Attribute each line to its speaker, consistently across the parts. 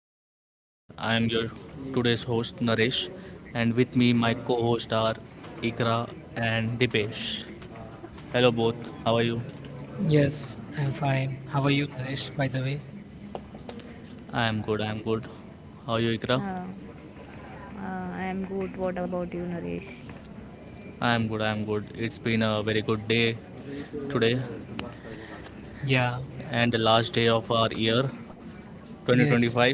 Speaker 1: podcast. I am your today's host Naresh, and with me my co-host are Ikra and Dipesh. Hello both, how are you?
Speaker 2: Yes, I'm fine. How are you, Naresh, by the way?
Speaker 1: I am good. I am good. How are you, Ikra?
Speaker 3: Uh, I am good. What about you, Naresh?
Speaker 1: I am good. I am good. It's been a very good day today,
Speaker 2: Yeah,
Speaker 1: and the last day of our year,
Speaker 2: Yes.
Speaker 1: 2025.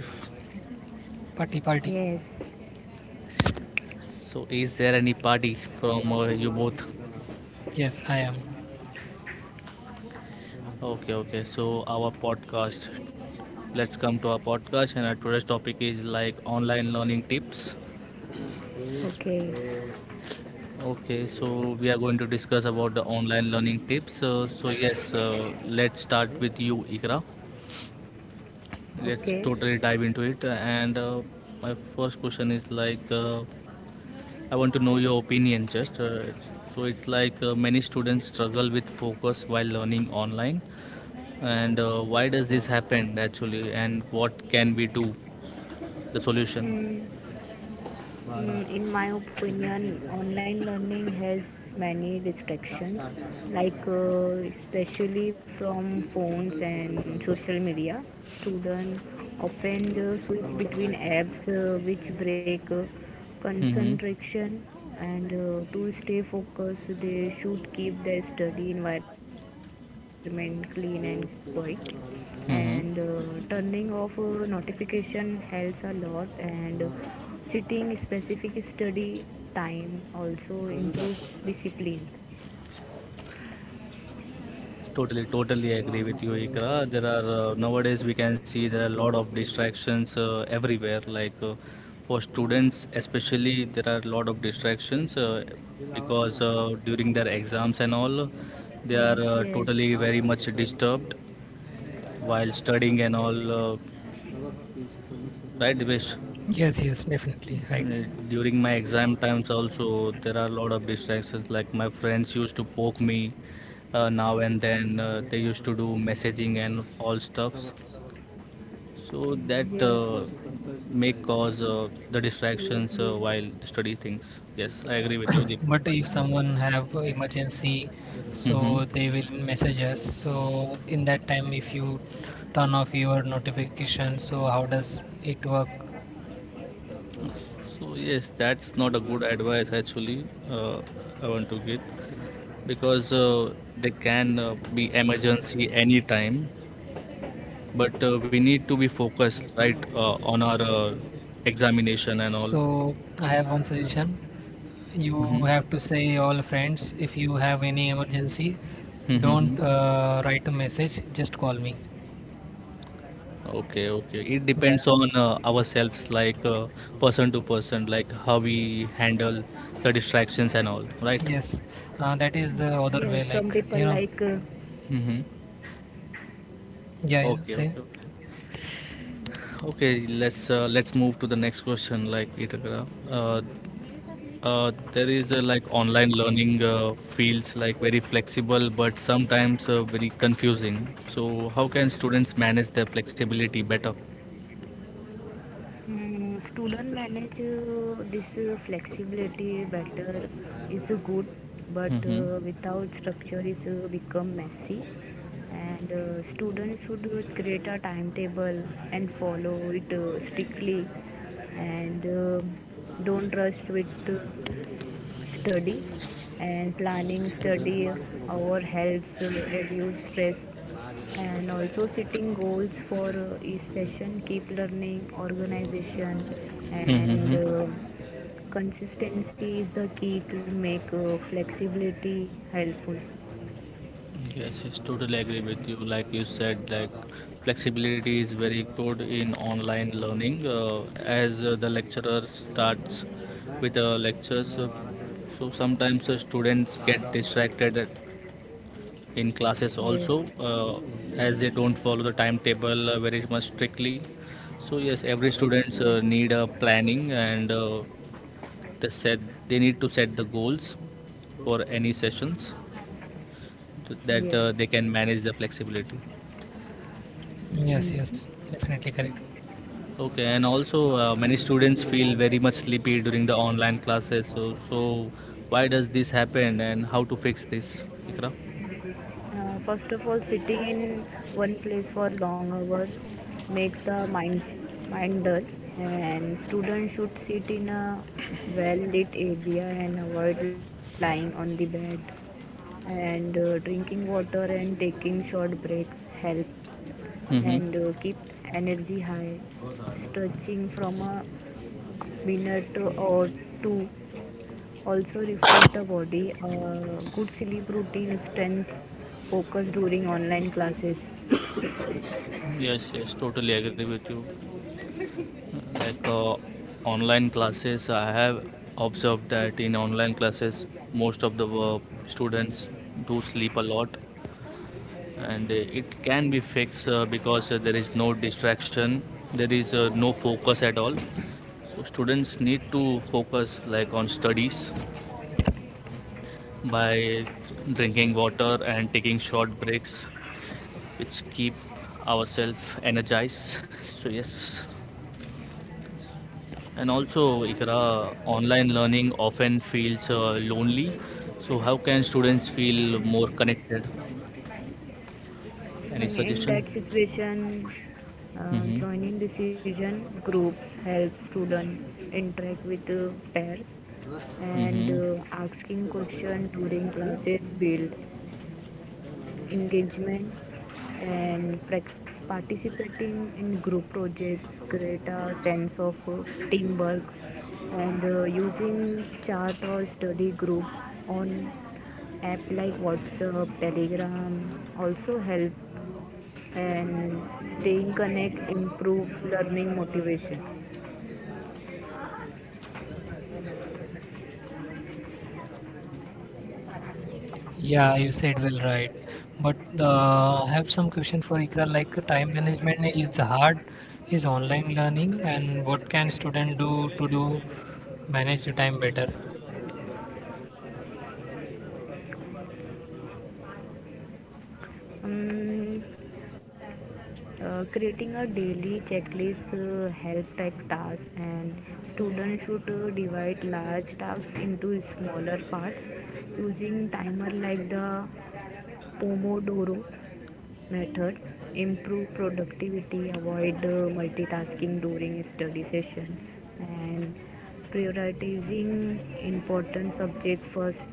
Speaker 2: Party, party.
Speaker 3: Yes.
Speaker 1: So, is there any party from you both?
Speaker 2: Yes, I am.
Speaker 1: Okay, okay. So our podcast. Let's come to our podcast, and our today's topic is like online learning tips.
Speaker 3: Okay.
Speaker 1: Okay, so we are going to discuss about the online learning tips. Let's start with you, Ikra. Let's
Speaker 3: Okay.
Speaker 1: totally dive into it. And My first question is like, I want to know your opinion. Just So it's like many students struggle with focus while learning online. And Why does this happen actually and what can we do the solution?
Speaker 3: Mm, in my opinion, online learning has many distractions, especially from phones and social media. Students often switch between apps which break
Speaker 1: Mm-hmm.
Speaker 3: concentration, and to stay focused, they should keep their study environment clean and quiet. And
Speaker 1: Mm-hmm.
Speaker 3: turning off notification helps a lot, and sitting specific study time also improve discipline.
Speaker 1: Totally, totally agree with you, Ikra. There are nowadays we can see there are a lot of distractions everywhere. Like, for students, especially, there are a lot of distractions because during their exams and all, they are
Speaker 3: Mm. Yes,
Speaker 1: totally very much disturbed while studying and all. Right, Divesh?
Speaker 2: Yes, yes, definitely. Right.
Speaker 1: During my exam times also, there are a lot of distractions. Like my friends used to poke me now and then. They used to do messaging and all stuffs. So that
Speaker 3: yes.
Speaker 1: may cause the distractions
Speaker 3: Mm,
Speaker 1: while study things. Yes, I agree with you, Deep.
Speaker 2: But if someone have a emergency,
Speaker 1: Mm-hmm.
Speaker 2: so they will message us. So in that time, if you turn off your notification, so how does it work?
Speaker 1: So yes, that's not a good advice actually. I want to get because they can be emergency anytime. But we need to be focused, right, on our examination and all.
Speaker 2: So I have one suggestion. You
Speaker 1: hmm
Speaker 2: have to say all friends, if you have any emergency, don't
Speaker 1: Mm-hmm.
Speaker 2: uh, write a message, just call me.
Speaker 1: Okay, okay. It depends
Speaker 2: Yeah,
Speaker 1: on ourselves, like person to person, like how we handle the distractions and all, right?
Speaker 2: yes, that is the
Speaker 3: yes.
Speaker 2: other way,
Speaker 3: Some
Speaker 2: like
Speaker 3: people
Speaker 1: Mm-hmm.
Speaker 2: yeah, yeah,
Speaker 1: Okay,
Speaker 2: say
Speaker 1: okay. Okay. Okay, let's move to the next question. Uh, there is like online learning feels like very flexible, but sometimes very confusing. So, how can students manage their flexibility better?
Speaker 3: mm, student manage this flexibility better is good, but
Speaker 1: Mm-hmm.
Speaker 3: without structure is become messy. And students should create a timetable and follow it strictly, and don't rush with study, and planning study hour helps reduce stress, and also setting goals for each session keep learning organization,
Speaker 1: hmm
Speaker 3: and
Speaker 1: hmm
Speaker 3: uh, consistency is the key to make flexibility helpful.
Speaker 1: Yes, yes, totally agree with you. Like you said, like flexibility is very good in online learning. As the lecturer starts with the lectures, so sometimes students get distracted in classes also
Speaker 3: Yes,
Speaker 1: as they don't follow the timetable very much strictly. So yes, every students
Speaker 3: yes.
Speaker 1: need a planning, and they set they need to set the goals for any sessions so that they
Speaker 3: Yes.
Speaker 1: can manage the flexibility.
Speaker 2: yes, yes, definitely correct.
Speaker 1: Okay, and also many students feel very much sleepy during the online classes, so so why does this happen and how to fix this, Ikra?
Speaker 3: First of all, sitting in one place for long hours makes the mind dull, and students should sit in a well lit area and avoid lying on the bed. And drinking water and taking short breaks help, and
Speaker 1: Mm-hmm.
Speaker 3: keep energy high. Stretching from a minute or two also refresh the body. A good sleep routine strength focus during online classes.
Speaker 1: Yes, yes, totally agree with you. Like uh, Online classes, I have observed that in online classes, most of the students do sleep a lot, and it can be fixed because there is no distraction, there is no focus at all. So students need to focus like on studies by drinking water and taking short breaks, which keep ourselves energized. So yes, and also Ikra, online learning often feels lonely. So how can students feel more connected?
Speaker 3: Mm,
Speaker 1: Any
Speaker 3: in that
Speaker 1: suggestion?
Speaker 3: situation,
Speaker 1: Mm-hmm.
Speaker 3: joining decision groups helps student interact with pairs, and
Speaker 1: Mm-hmm.
Speaker 3: asking question during classes build engagement, and participating in group projects create a sense of teamwork, and using chart or study groups on app like whatsapp telegram also help, and staying connect improves learning motivation.
Speaker 2: Yeah, you said well, right? But I have some question for Ikra. Time management is hard is online learning, and what can student do to do manage your time better?
Speaker 3: um, creating a daily checklist help type tasks, and students should divide large tasks into smaller parts using timer like the pomodoro method improve productivity, avoid multitasking during study session, and prioritizing important subject first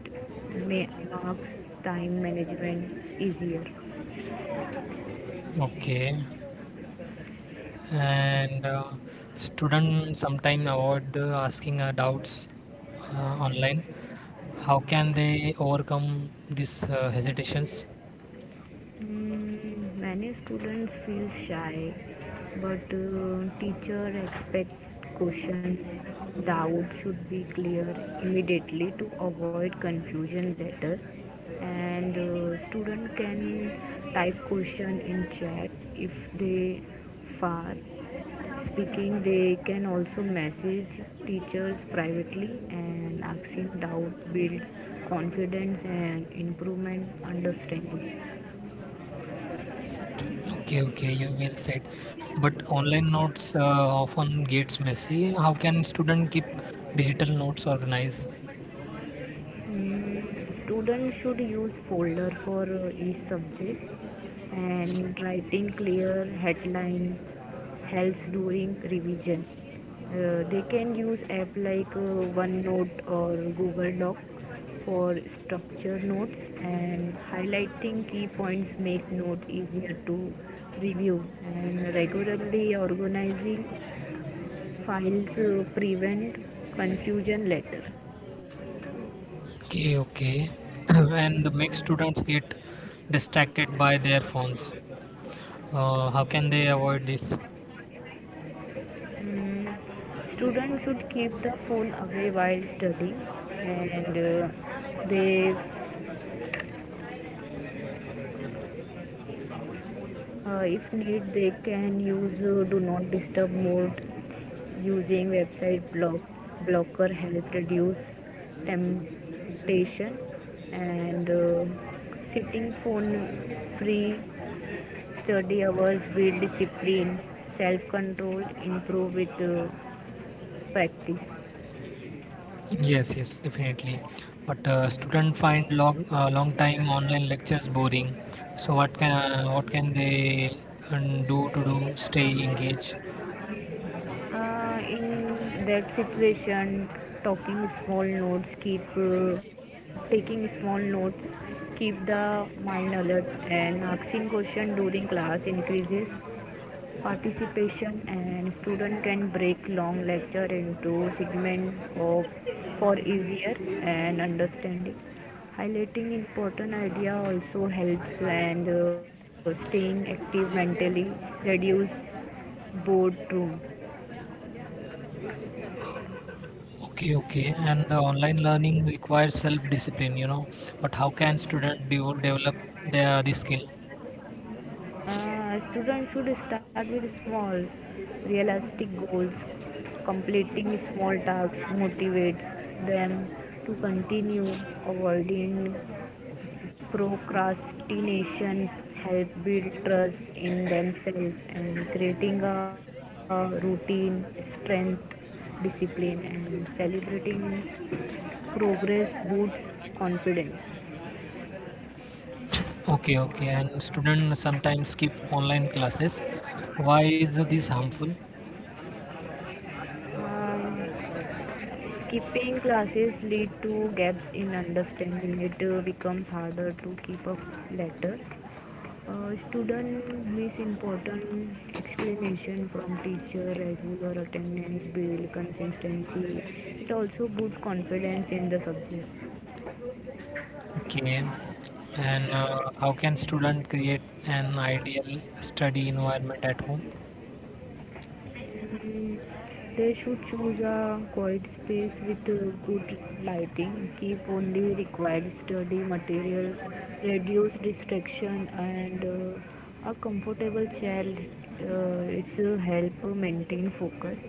Speaker 3: makes time management easier.
Speaker 2: Okay, and students sometime avoid asking doubts online. How can they overcome these hesitations?
Speaker 3: Mm, many students feel shy, but teacher expect questions. Doubt should be clear immediately to avoid confusion later. And student can type question in chat if they far speaking. They can also message teachers privately, and asking doubt builds confidence and improvement understanding.
Speaker 2: Okay, okay, you will said. But online notes often gets messy. How can student keep digital notes organized?
Speaker 3: Mm, student should use folder for each subject, and writing clear headlines helps during revision. They can use app like OneNote or Google Doc for structured notes, and highlighting key points make notes easier to review, and regularly organizing files prevent confusion later.
Speaker 2: Okay, okay. And make students get distracted by their phones, how can they avoid this?
Speaker 3: Mm, students should keep the phone away while studying, and they if need they can use do not disturb mode, using website block blocker help reduce temptation, and sitting phone free study hours build discipline, self control improve with practice.
Speaker 2: Yes, yes, definitely. But student find long time online lectures boring. So what can they do to do stay engaged?
Speaker 3: In that situation, talking small notes, keep taking small notes, keep the mind alert, and asking question during class increases participation, and student can break long lecture into segment of for easier and understanding. Highlighting important idea also helps, and staying active mentally reduce boredom.
Speaker 2: Okay, okay. And the online learning requires self discipline, you know. But how can student develop their this skill?
Speaker 3: Students should start with small, realistic goals. Completing small tasks motivates them to continue. Avoiding procrastinations help build trust in themselves, and creating a routine, strength, discipline, and celebrating progress boosts confidence.
Speaker 2: Okay, okay. And student sometimes skip online classes. Why is this harmful?
Speaker 3: Uh, Skipping classes lead to gaps in understanding. It becomes harder to keep up later. Student miss important explanation from teacher. Regular attendance build consistency. It also boosts confidence in the subject.
Speaker 2: Okay. And how can student create an ideal study environment at home?
Speaker 3: They should choose a quiet space with good lighting, keep only required study material, reduce distraction, and a comfortable chair. It's help maintain focus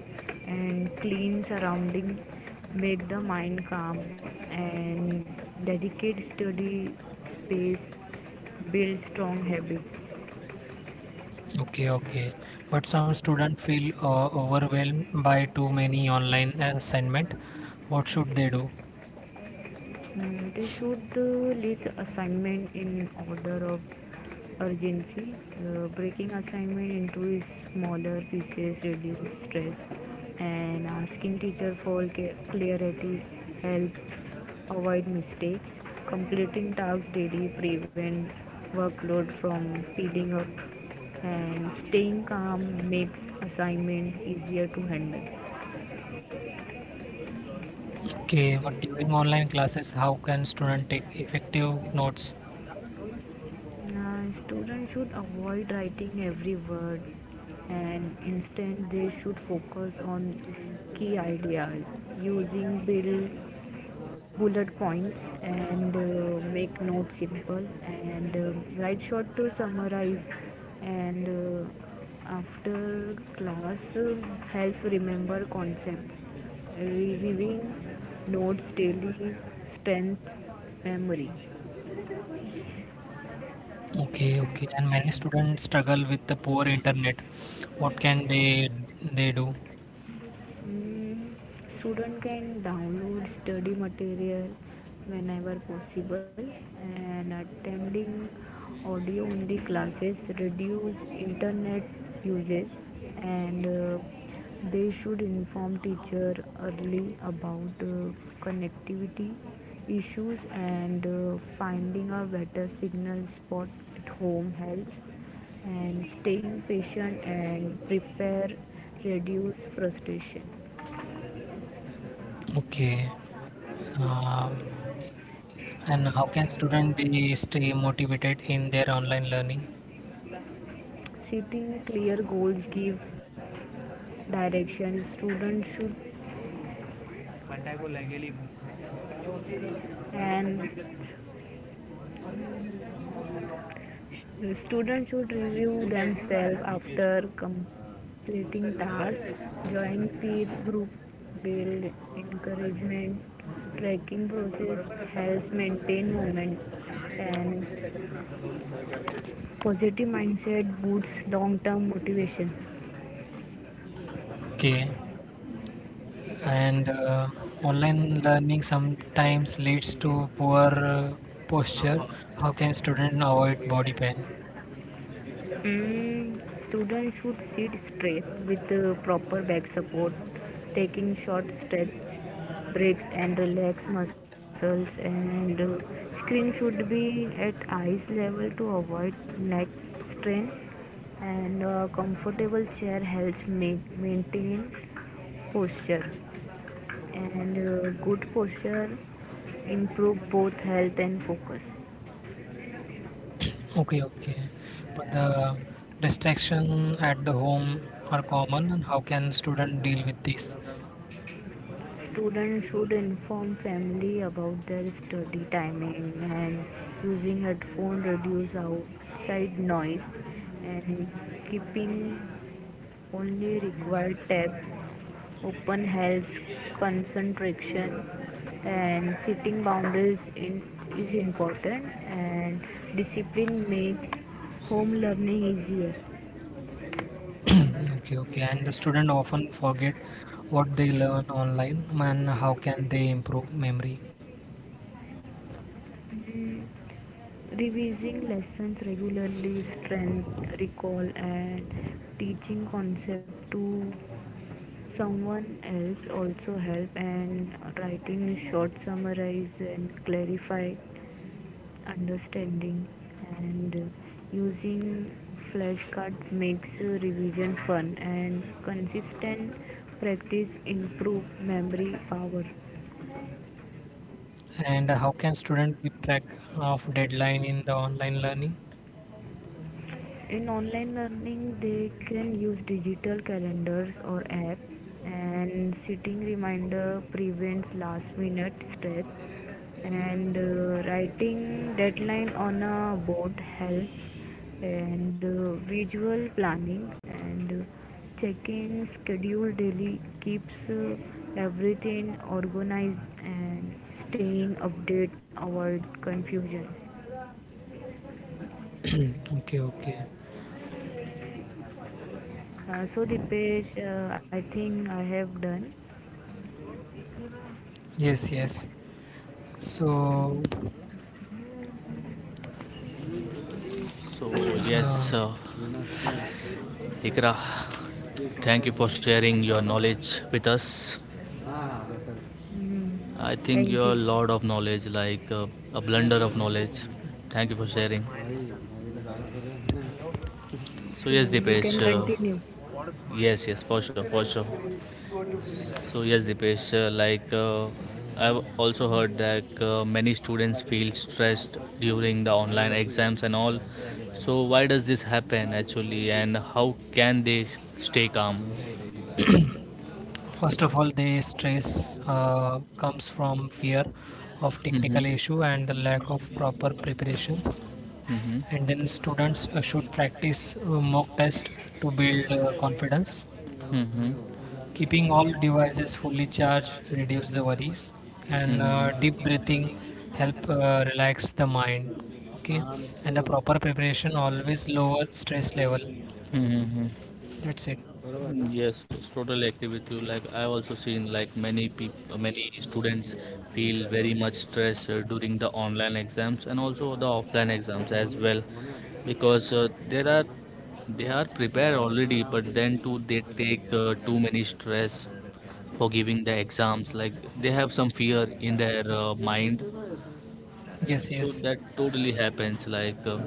Speaker 3: and clean surrounding, make the mind calm, and dedicate study space, build strong habits.
Speaker 2: Okay, okay. But some students feel overwhelmed by too many online assignment. What should they do?
Speaker 3: Mm, they should list assignment in order of urgency. Breaking assignment into smaller pieces reduces stress, and asking teacher for clarity helps avoid mistakes. Completing tasks daily prevent workload from piling up, and staying calm makes assignment easier to handle.
Speaker 2: Okay, but during online classes, how can student take effective notes?
Speaker 3: Now, students should avoid writing every word, and instead they should focus on key ideas using build bullet points, and make notes simple, and write short to summarize, and after class help remember concept, reviewing notes daily strengthens memory.
Speaker 2: Okay, okay. And many students struggle with the poor internet. What can they do?
Speaker 3: Mm, student can download study material whenever possible, and attending audio only classes reduce internet uses, and they should inform teacher early about connectivity issues, and finding a better signal spot at home helps, and staying patient and prepare reduce frustration.
Speaker 2: Okay. Um, and how can student be stay motivated in their online learning?
Speaker 3: Setting clear goals give direction, students should, and students should review themselves after completing tasks, join peer group build encouragement, tracking process helps maintain momentum, and positive mindset boosts long term motivation.
Speaker 2: Okay. And online learning sometimes leads to poor posture. How can student avoid body pain?
Speaker 3: Mm, students should sit straight with the proper back support, taking short stretch breaks and relax muscles, and screen should be at eyes level to avoid neck strain, and comfortable chair helps maintain posture, and good posture improve both health and focus.
Speaker 2: Okay, okay. But the distraction at the home are common, and how can student deal with this?
Speaker 3: Students should inform family about their study timing, and using headphone reduce outside noise, and keeping only required tabs open helps concentration, and setting boundaries in, is important, and discipline makes home learning easier.
Speaker 2: Okay, okay. And the student often forget what they learn online, and how can they improve memory?
Speaker 3: Revising lessons regularly strengthens recall, and teaching concepts to someone else also help, and writing short summaries and clarify understanding, and using flashcard makes revision fun, and consistent practice improve memory power.
Speaker 2: And how can student keep track of deadline in the online learning?
Speaker 3: In online learning, they can use digital calendars or app, and setting reminder prevents last minute stress. And writing deadline on a board helps, and visual planning, and checking schedule daily keeps everything organized, and staying update avoid confusion.
Speaker 2: Okay, okay.
Speaker 3: So Dipesh, I think I have done.
Speaker 2: Yes, yes. So,
Speaker 1: So
Speaker 2: uh,
Speaker 1: yes, Ikra, thank you for sharing your knowledge with us.
Speaker 3: Mhm.
Speaker 1: I think
Speaker 3: Thank
Speaker 1: you're a
Speaker 3: you.
Speaker 1: lot of knowledge, like a blender of knowledge. Thank you for
Speaker 3: What
Speaker 1: sharing.
Speaker 3: a.
Speaker 1: So
Speaker 3: So
Speaker 1: yes,
Speaker 3: you
Speaker 1: Dipesh.
Speaker 3: can continue. What a.
Speaker 1: Yes, yes, for sure, for sure. So yes, Dipesh. I've also heard that many students feel stressed during the online exams and all. So why does this happen actually, and how can they stay calm?
Speaker 2: first of all, the stress comes from fear of technical
Speaker 1: Mm-hmm.
Speaker 2: issue and the lack of proper preparations.
Speaker 1: Mm-hmm.
Speaker 2: And then students should practice mock test to build confidence.
Speaker 1: Mm-hmm.
Speaker 2: Keeping all devices fully charged reduce the worries,
Speaker 1: Mm-hmm.
Speaker 2: and deep
Speaker 1: Mm-hmm.
Speaker 2: breathing help relax the mind. Okay, and the proper preparation always lower stress level.
Speaker 1: Mm-hmm.
Speaker 2: That's it.
Speaker 1: Mm, yes, it's totally agree with you. Like I also seen like many people, many students feel very much stress during the online exams and also the offline exams as well, because there are they are prepared already, but then too they take too many stress for giving the exams. Like they have some fear in their mind,
Speaker 2: Yes,
Speaker 1: so
Speaker 2: yes.
Speaker 1: that totally happens. Like.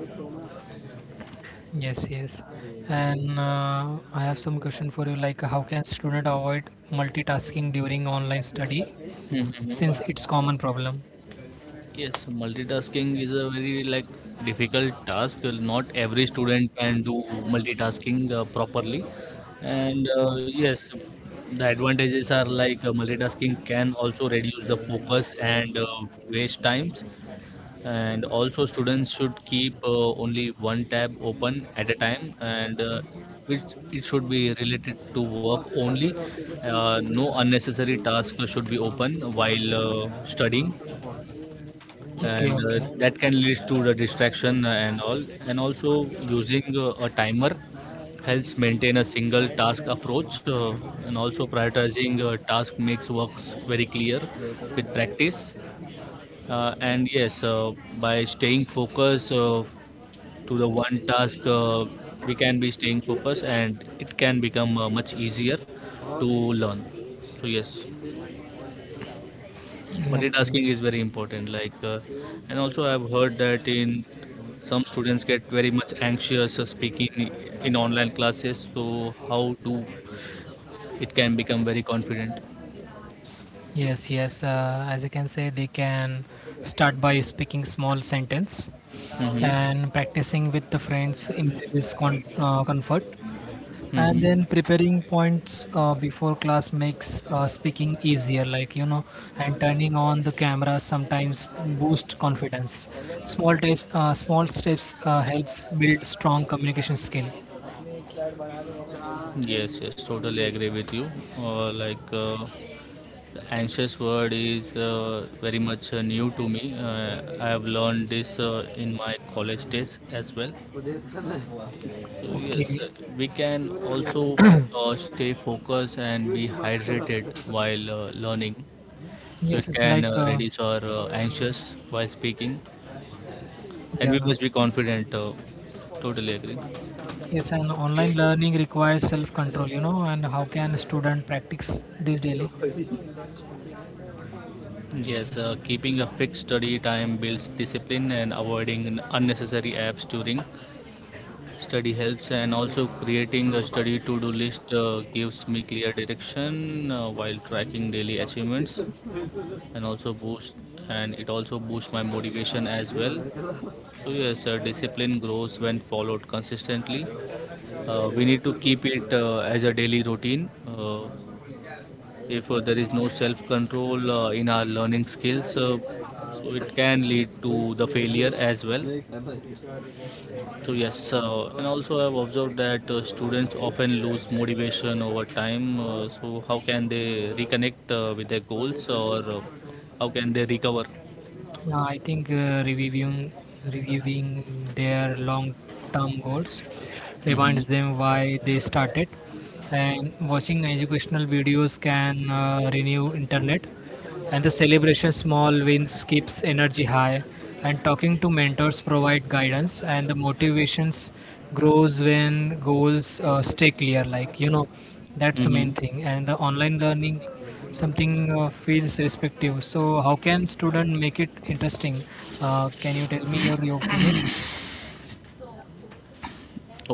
Speaker 2: Yes, yes. And I have some question for you, like how can student avoid multitasking during online study, since it's common problem?
Speaker 1: Yes, multitasking is a very like difficult task. Not every student can do multitasking properly. And yes, the advantages are like multitasking can also reduce the focus and waste times. And also, students should keep only one tab open at a time, and which it should be related to work only. No unnecessary task should be open while studying,
Speaker 2: Okay,
Speaker 1: and
Speaker 2: okay,
Speaker 1: that can lead to the distraction and all, and also using a timer helps maintain a single task approach, and also prioritizing task makes works very clear with practice. And yes, by staying focused to the one task, we can be staying focused, and it can become much easier to learn. So yes,
Speaker 2: okay.
Speaker 1: multitasking is very important, and also I've heard that in some students get very much anxious speaking in online classes. So how do it can become very confident?
Speaker 2: Yes, yes. As I can say, they can start by speaking small sentence,
Speaker 1: Mm-hmm.
Speaker 2: and practicing with the friends increases comfort. And
Speaker 1: Mm-hmm.
Speaker 2: then preparing points before class makes speaking easier, like, and turning on the camera sometimes boost confidence. Small tips, small steps helps build strong communication skill.
Speaker 1: Yes, yes, totally agree with you. Uh, like uh, the anxious word is very much new to me. I have learned this in my college days as well. So yes,
Speaker 2: Okay.
Speaker 1: we can also stay focused and be hydrated while learning. So
Speaker 2: Yes,
Speaker 1: it
Speaker 2: it's
Speaker 1: can
Speaker 2: like uh,
Speaker 1: reduce our anxious while speaking, and
Speaker 2: yeah.
Speaker 1: we must be confident. Totally agree.
Speaker 2: Yes, and online learning requires self-control, you know, and how can a student practice this daily?
Speaker 1: Yes, keeping a fixed study time builds discipline and avoiding unnecessary apps during study helps, and also creating a study to-do list gives me clear direction while tracking daily achievements. and also boost and it also boosts my motivation as well. So yes, discipline grows when followed consistently. We need to keep it as a daily routine. If there is no self control in our learning skills, so it can lead to the failure as well. So yes, and also I've observed that students often lose motivation over time. So how can they reconnect with their goals, or how can they recover?
Speaker 2: I think reviewing their long-term goals
Speaker 1: Mm-hmm.
Speaker 2: reminds them why they started, and watching educational videos can renew internet, and the celebration small wins keeps energy high, and talking to mentors provide guidance, and the motivations grows when goals stay clear, like that's the
Speaker 1: Mm-hmm.
Speaker 2: main thing. And the online learning something feels respective, so how can student make it interesting? Can you tell me your opinion?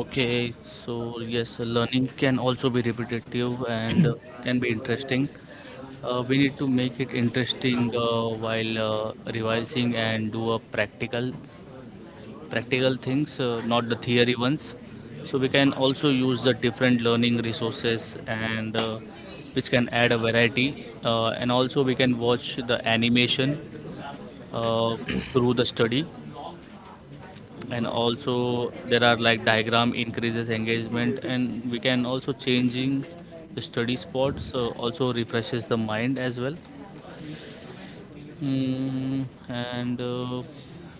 Speaker 1: Okay, so yes, learning can also be repetitive and can be interesting. We need to make it interesting while revising and do a practical things, not the theory ones. So we can also use the different learning resources, and which can add a variety. And also we can watch the animation uh, through the study. And also there are like diagram increases engagement, and we can also changing the study spots also refreshes the mind as well. Mm, and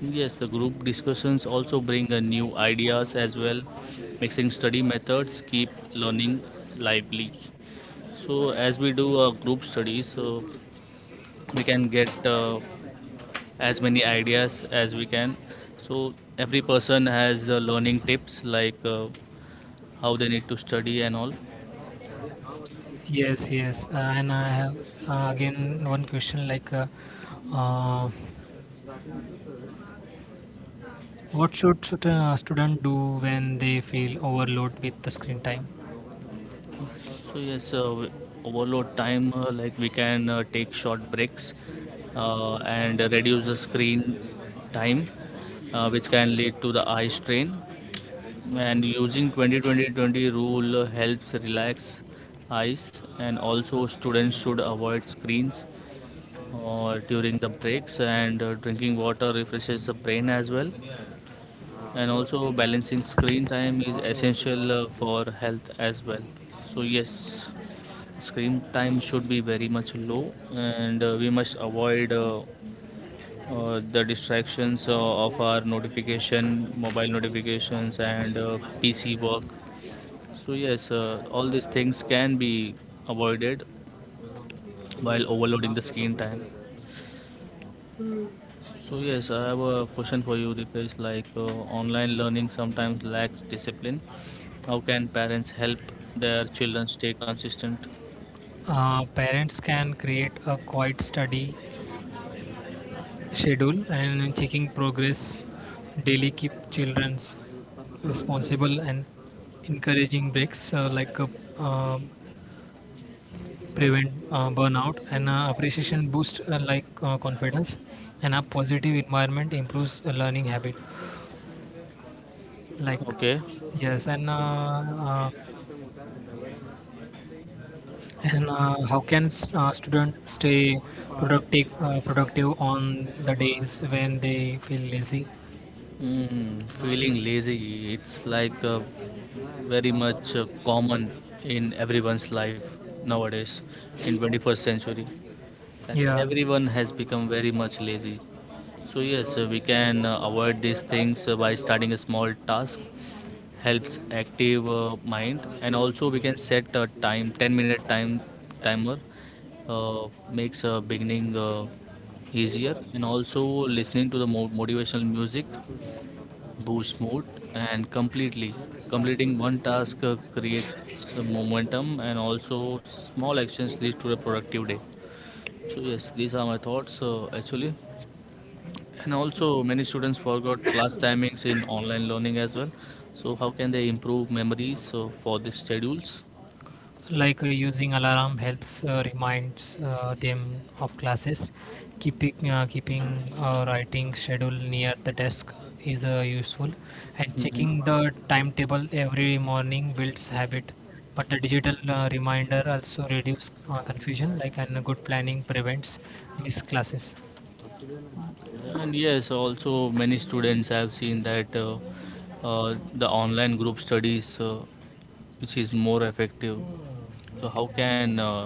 Speaker 1: Yes, the group discussions also bring new ideas as well, mixing study methods, keep learning lively. So as we do group studies, so we can get as many ideas as we can. So every person has the learning tips like how they need to study and all.
Speaker 2: Yes, yes, and I have again one question, like uh, what should a student do when they feel overloaded with the screen time?
Speaker 1: So yes, overload time, like we can take short breaks and reduce the screen time, which can lead to the eye strain. And using 20-20-20 rule helps relax eyes. And also students should avoid screens during the breaks, and drinking water refreshes the brain as well, and also balancing screen time is essential for health as well. So yes, screen time should be very much low, and we must avoid the distractions of our notification, mobile notifications, and PC work. So yes, all these things can be avoided while overloading the screen time. So yes, I have a question for you, Dipesh. Online learning sometimes lacks discipline. How can parents help their children stay consistent?
Speaker 2: Parents can create a quiet study schedule, and checking progress daily keep children's responsible, and encouraging breaks um prevent burnout, and appreciation boost confidence, and a positive environment improves learning habit, like
Speaker 1: Okay.
Speaker 2: yes. And uh, and how can students stay productive on the days when they feel lazy?
Speaker 1: Mm, feeling lazy, it's like very much common in everyone's life nowadays in 21st century. Like
Speaker 2: Yeah,
Speaker 1: everyone has become very much lazy. So yes, we can avoid these things by starting a small task helps active mind, and also we can set a time 10 minute timer makes beginning easier, and also listening to the motivational music boosts mood, and completely completing one task creates some momentum, and also small actions lead to a productive day. So yes, these are my thoughts actually. And also, many students forgot class timings in online learning as well. So, how can they improve memories so for the schedules?
Speaker 2: like using alarm helps reminds them of classes. Keeping a writing schedule near the desk is useful, and checking the timetable every morning builds habit. But the digital reminder also reduces confusion, like, and good planning prevents missed classes.
Speaker 1: And yes, also many students have seen that the online group studies, which is more effective. So, how can uh,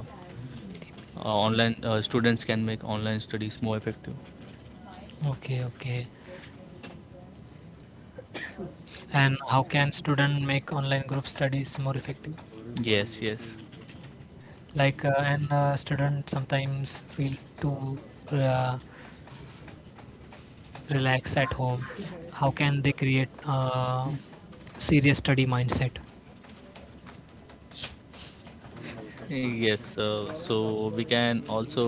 Speaker 1: uh, online students can make online studies more effective?
Speaker 2: Okay, okay. And how can student make online group studies more effective?
Speaker 1: Yes, yes.
Speaker 2: Like, and student sometimes feel too uh, relaxed at home. How can they create serious study mindset?
Speaker 1: Yes, so we can also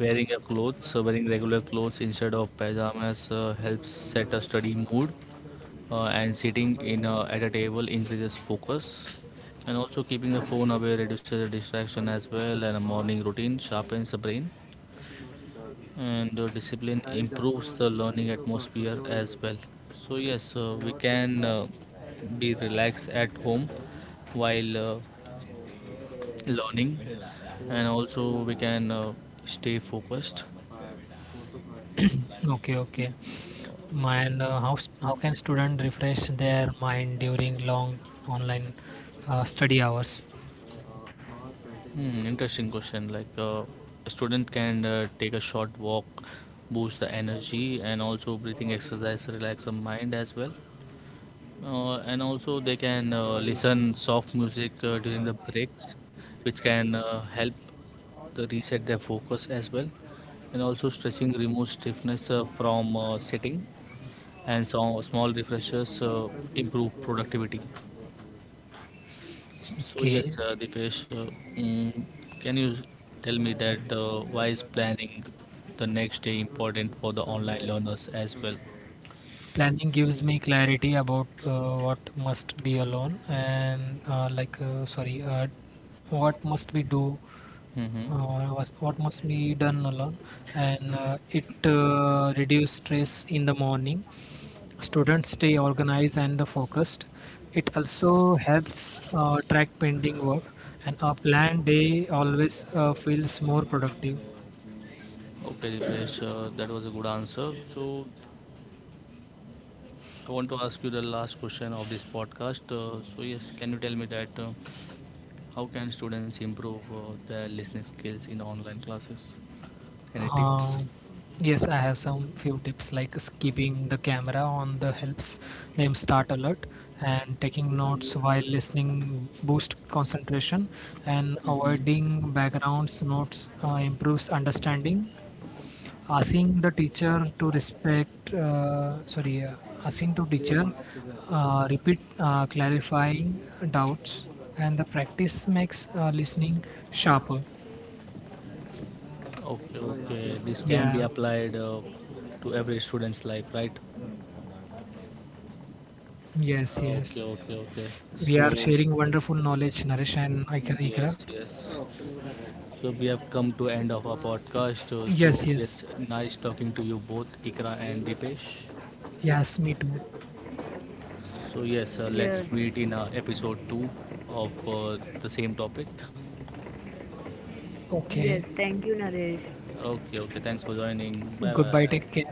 Speaker 1: wearing regular clothes instead of pajamas helps set a study mood, and sitting in at a table increases focus, and also keeping the phone away reduces the distraction as well. And a morning routine sharpens the brain, and discipline improves the learning atmosphere as well. So yes, we can be relaxed at home while learning, and also we can stay focused.
Speaker 2: Okay, okay. And how can student refresh their mind during long online study hours?
Speaker 1: Hmm, interesting question. A student can take a short walk, boost the energy, and also breathing exercise relax the mind as well. And also they can listen soft music during the breaks, which can help to reset their focus as well. And also stretching removes stiffness from sitting, and so small refreshers improve productivity. So
Speaker 2: Okay.
Speaker 1: yes, Dipesh, mm, can you tell me that why is planning the next day important for the online learners as well?
Speaker 2: Planning gives me clarity about what must be alone and sorry, what must be do,
Speaker 1: Mm-hmm.
Speaker 2: what must be done alone, and it reduce stress in the morning. Students stay organized and the focused. It also helps track pending work, and a planned day always feels more productive.
Speaker 1: Okay, Dipesh, that was a good answer. So I want to ask you the last question of this podcast. So yes, can you tell me that how can students improve their listening skills in online classes? Any tips?
Speaker 2: Um, yes, I have some few tips, like keeping the camera on the helps them start alert, and taking notes while listening boost concentration, and
Speaker 1: hmm
Speaker 2: avoiding backgrounds notes improves understanding. Asking the teacher to respect sorry, asking to teacher repeat, clarifying doubts, and the practice makes listening sharper.
Speaker 1: Okay, okay. This can be
Speaker 2: Yeah.
Speaker 1: applied to every student's life, right?
Speaker 2: Yes. Yes.
Speaker 1: Okay, okay, okay.
Speaker 2: We are
Speaker 1: So
Speaker 2: sharing wonderful knowledge, Naresh and Ikra. Ikra.
Speaker 1: yes, yes. So we have come to end of our podcast. So
Speaker 2: Yes, yes.
Speaker 1: yes, nice talking to you both, Ikra and Dipesh.
Speaker 2: Yes, me too.
Speaker 1: So yes, let's
Speaker 3: Yeah.
Speaker 1: meet in episode 2 of the same topic.
Speaker 2: Okay.
Speaker 3: Yes. Thank you, Naresh.
Speaker 1: Okay, okay. Thanks for joining. Bye
Speaker 2: Goodbye.
Speaker 1: bye.
Speaker 2: Take care.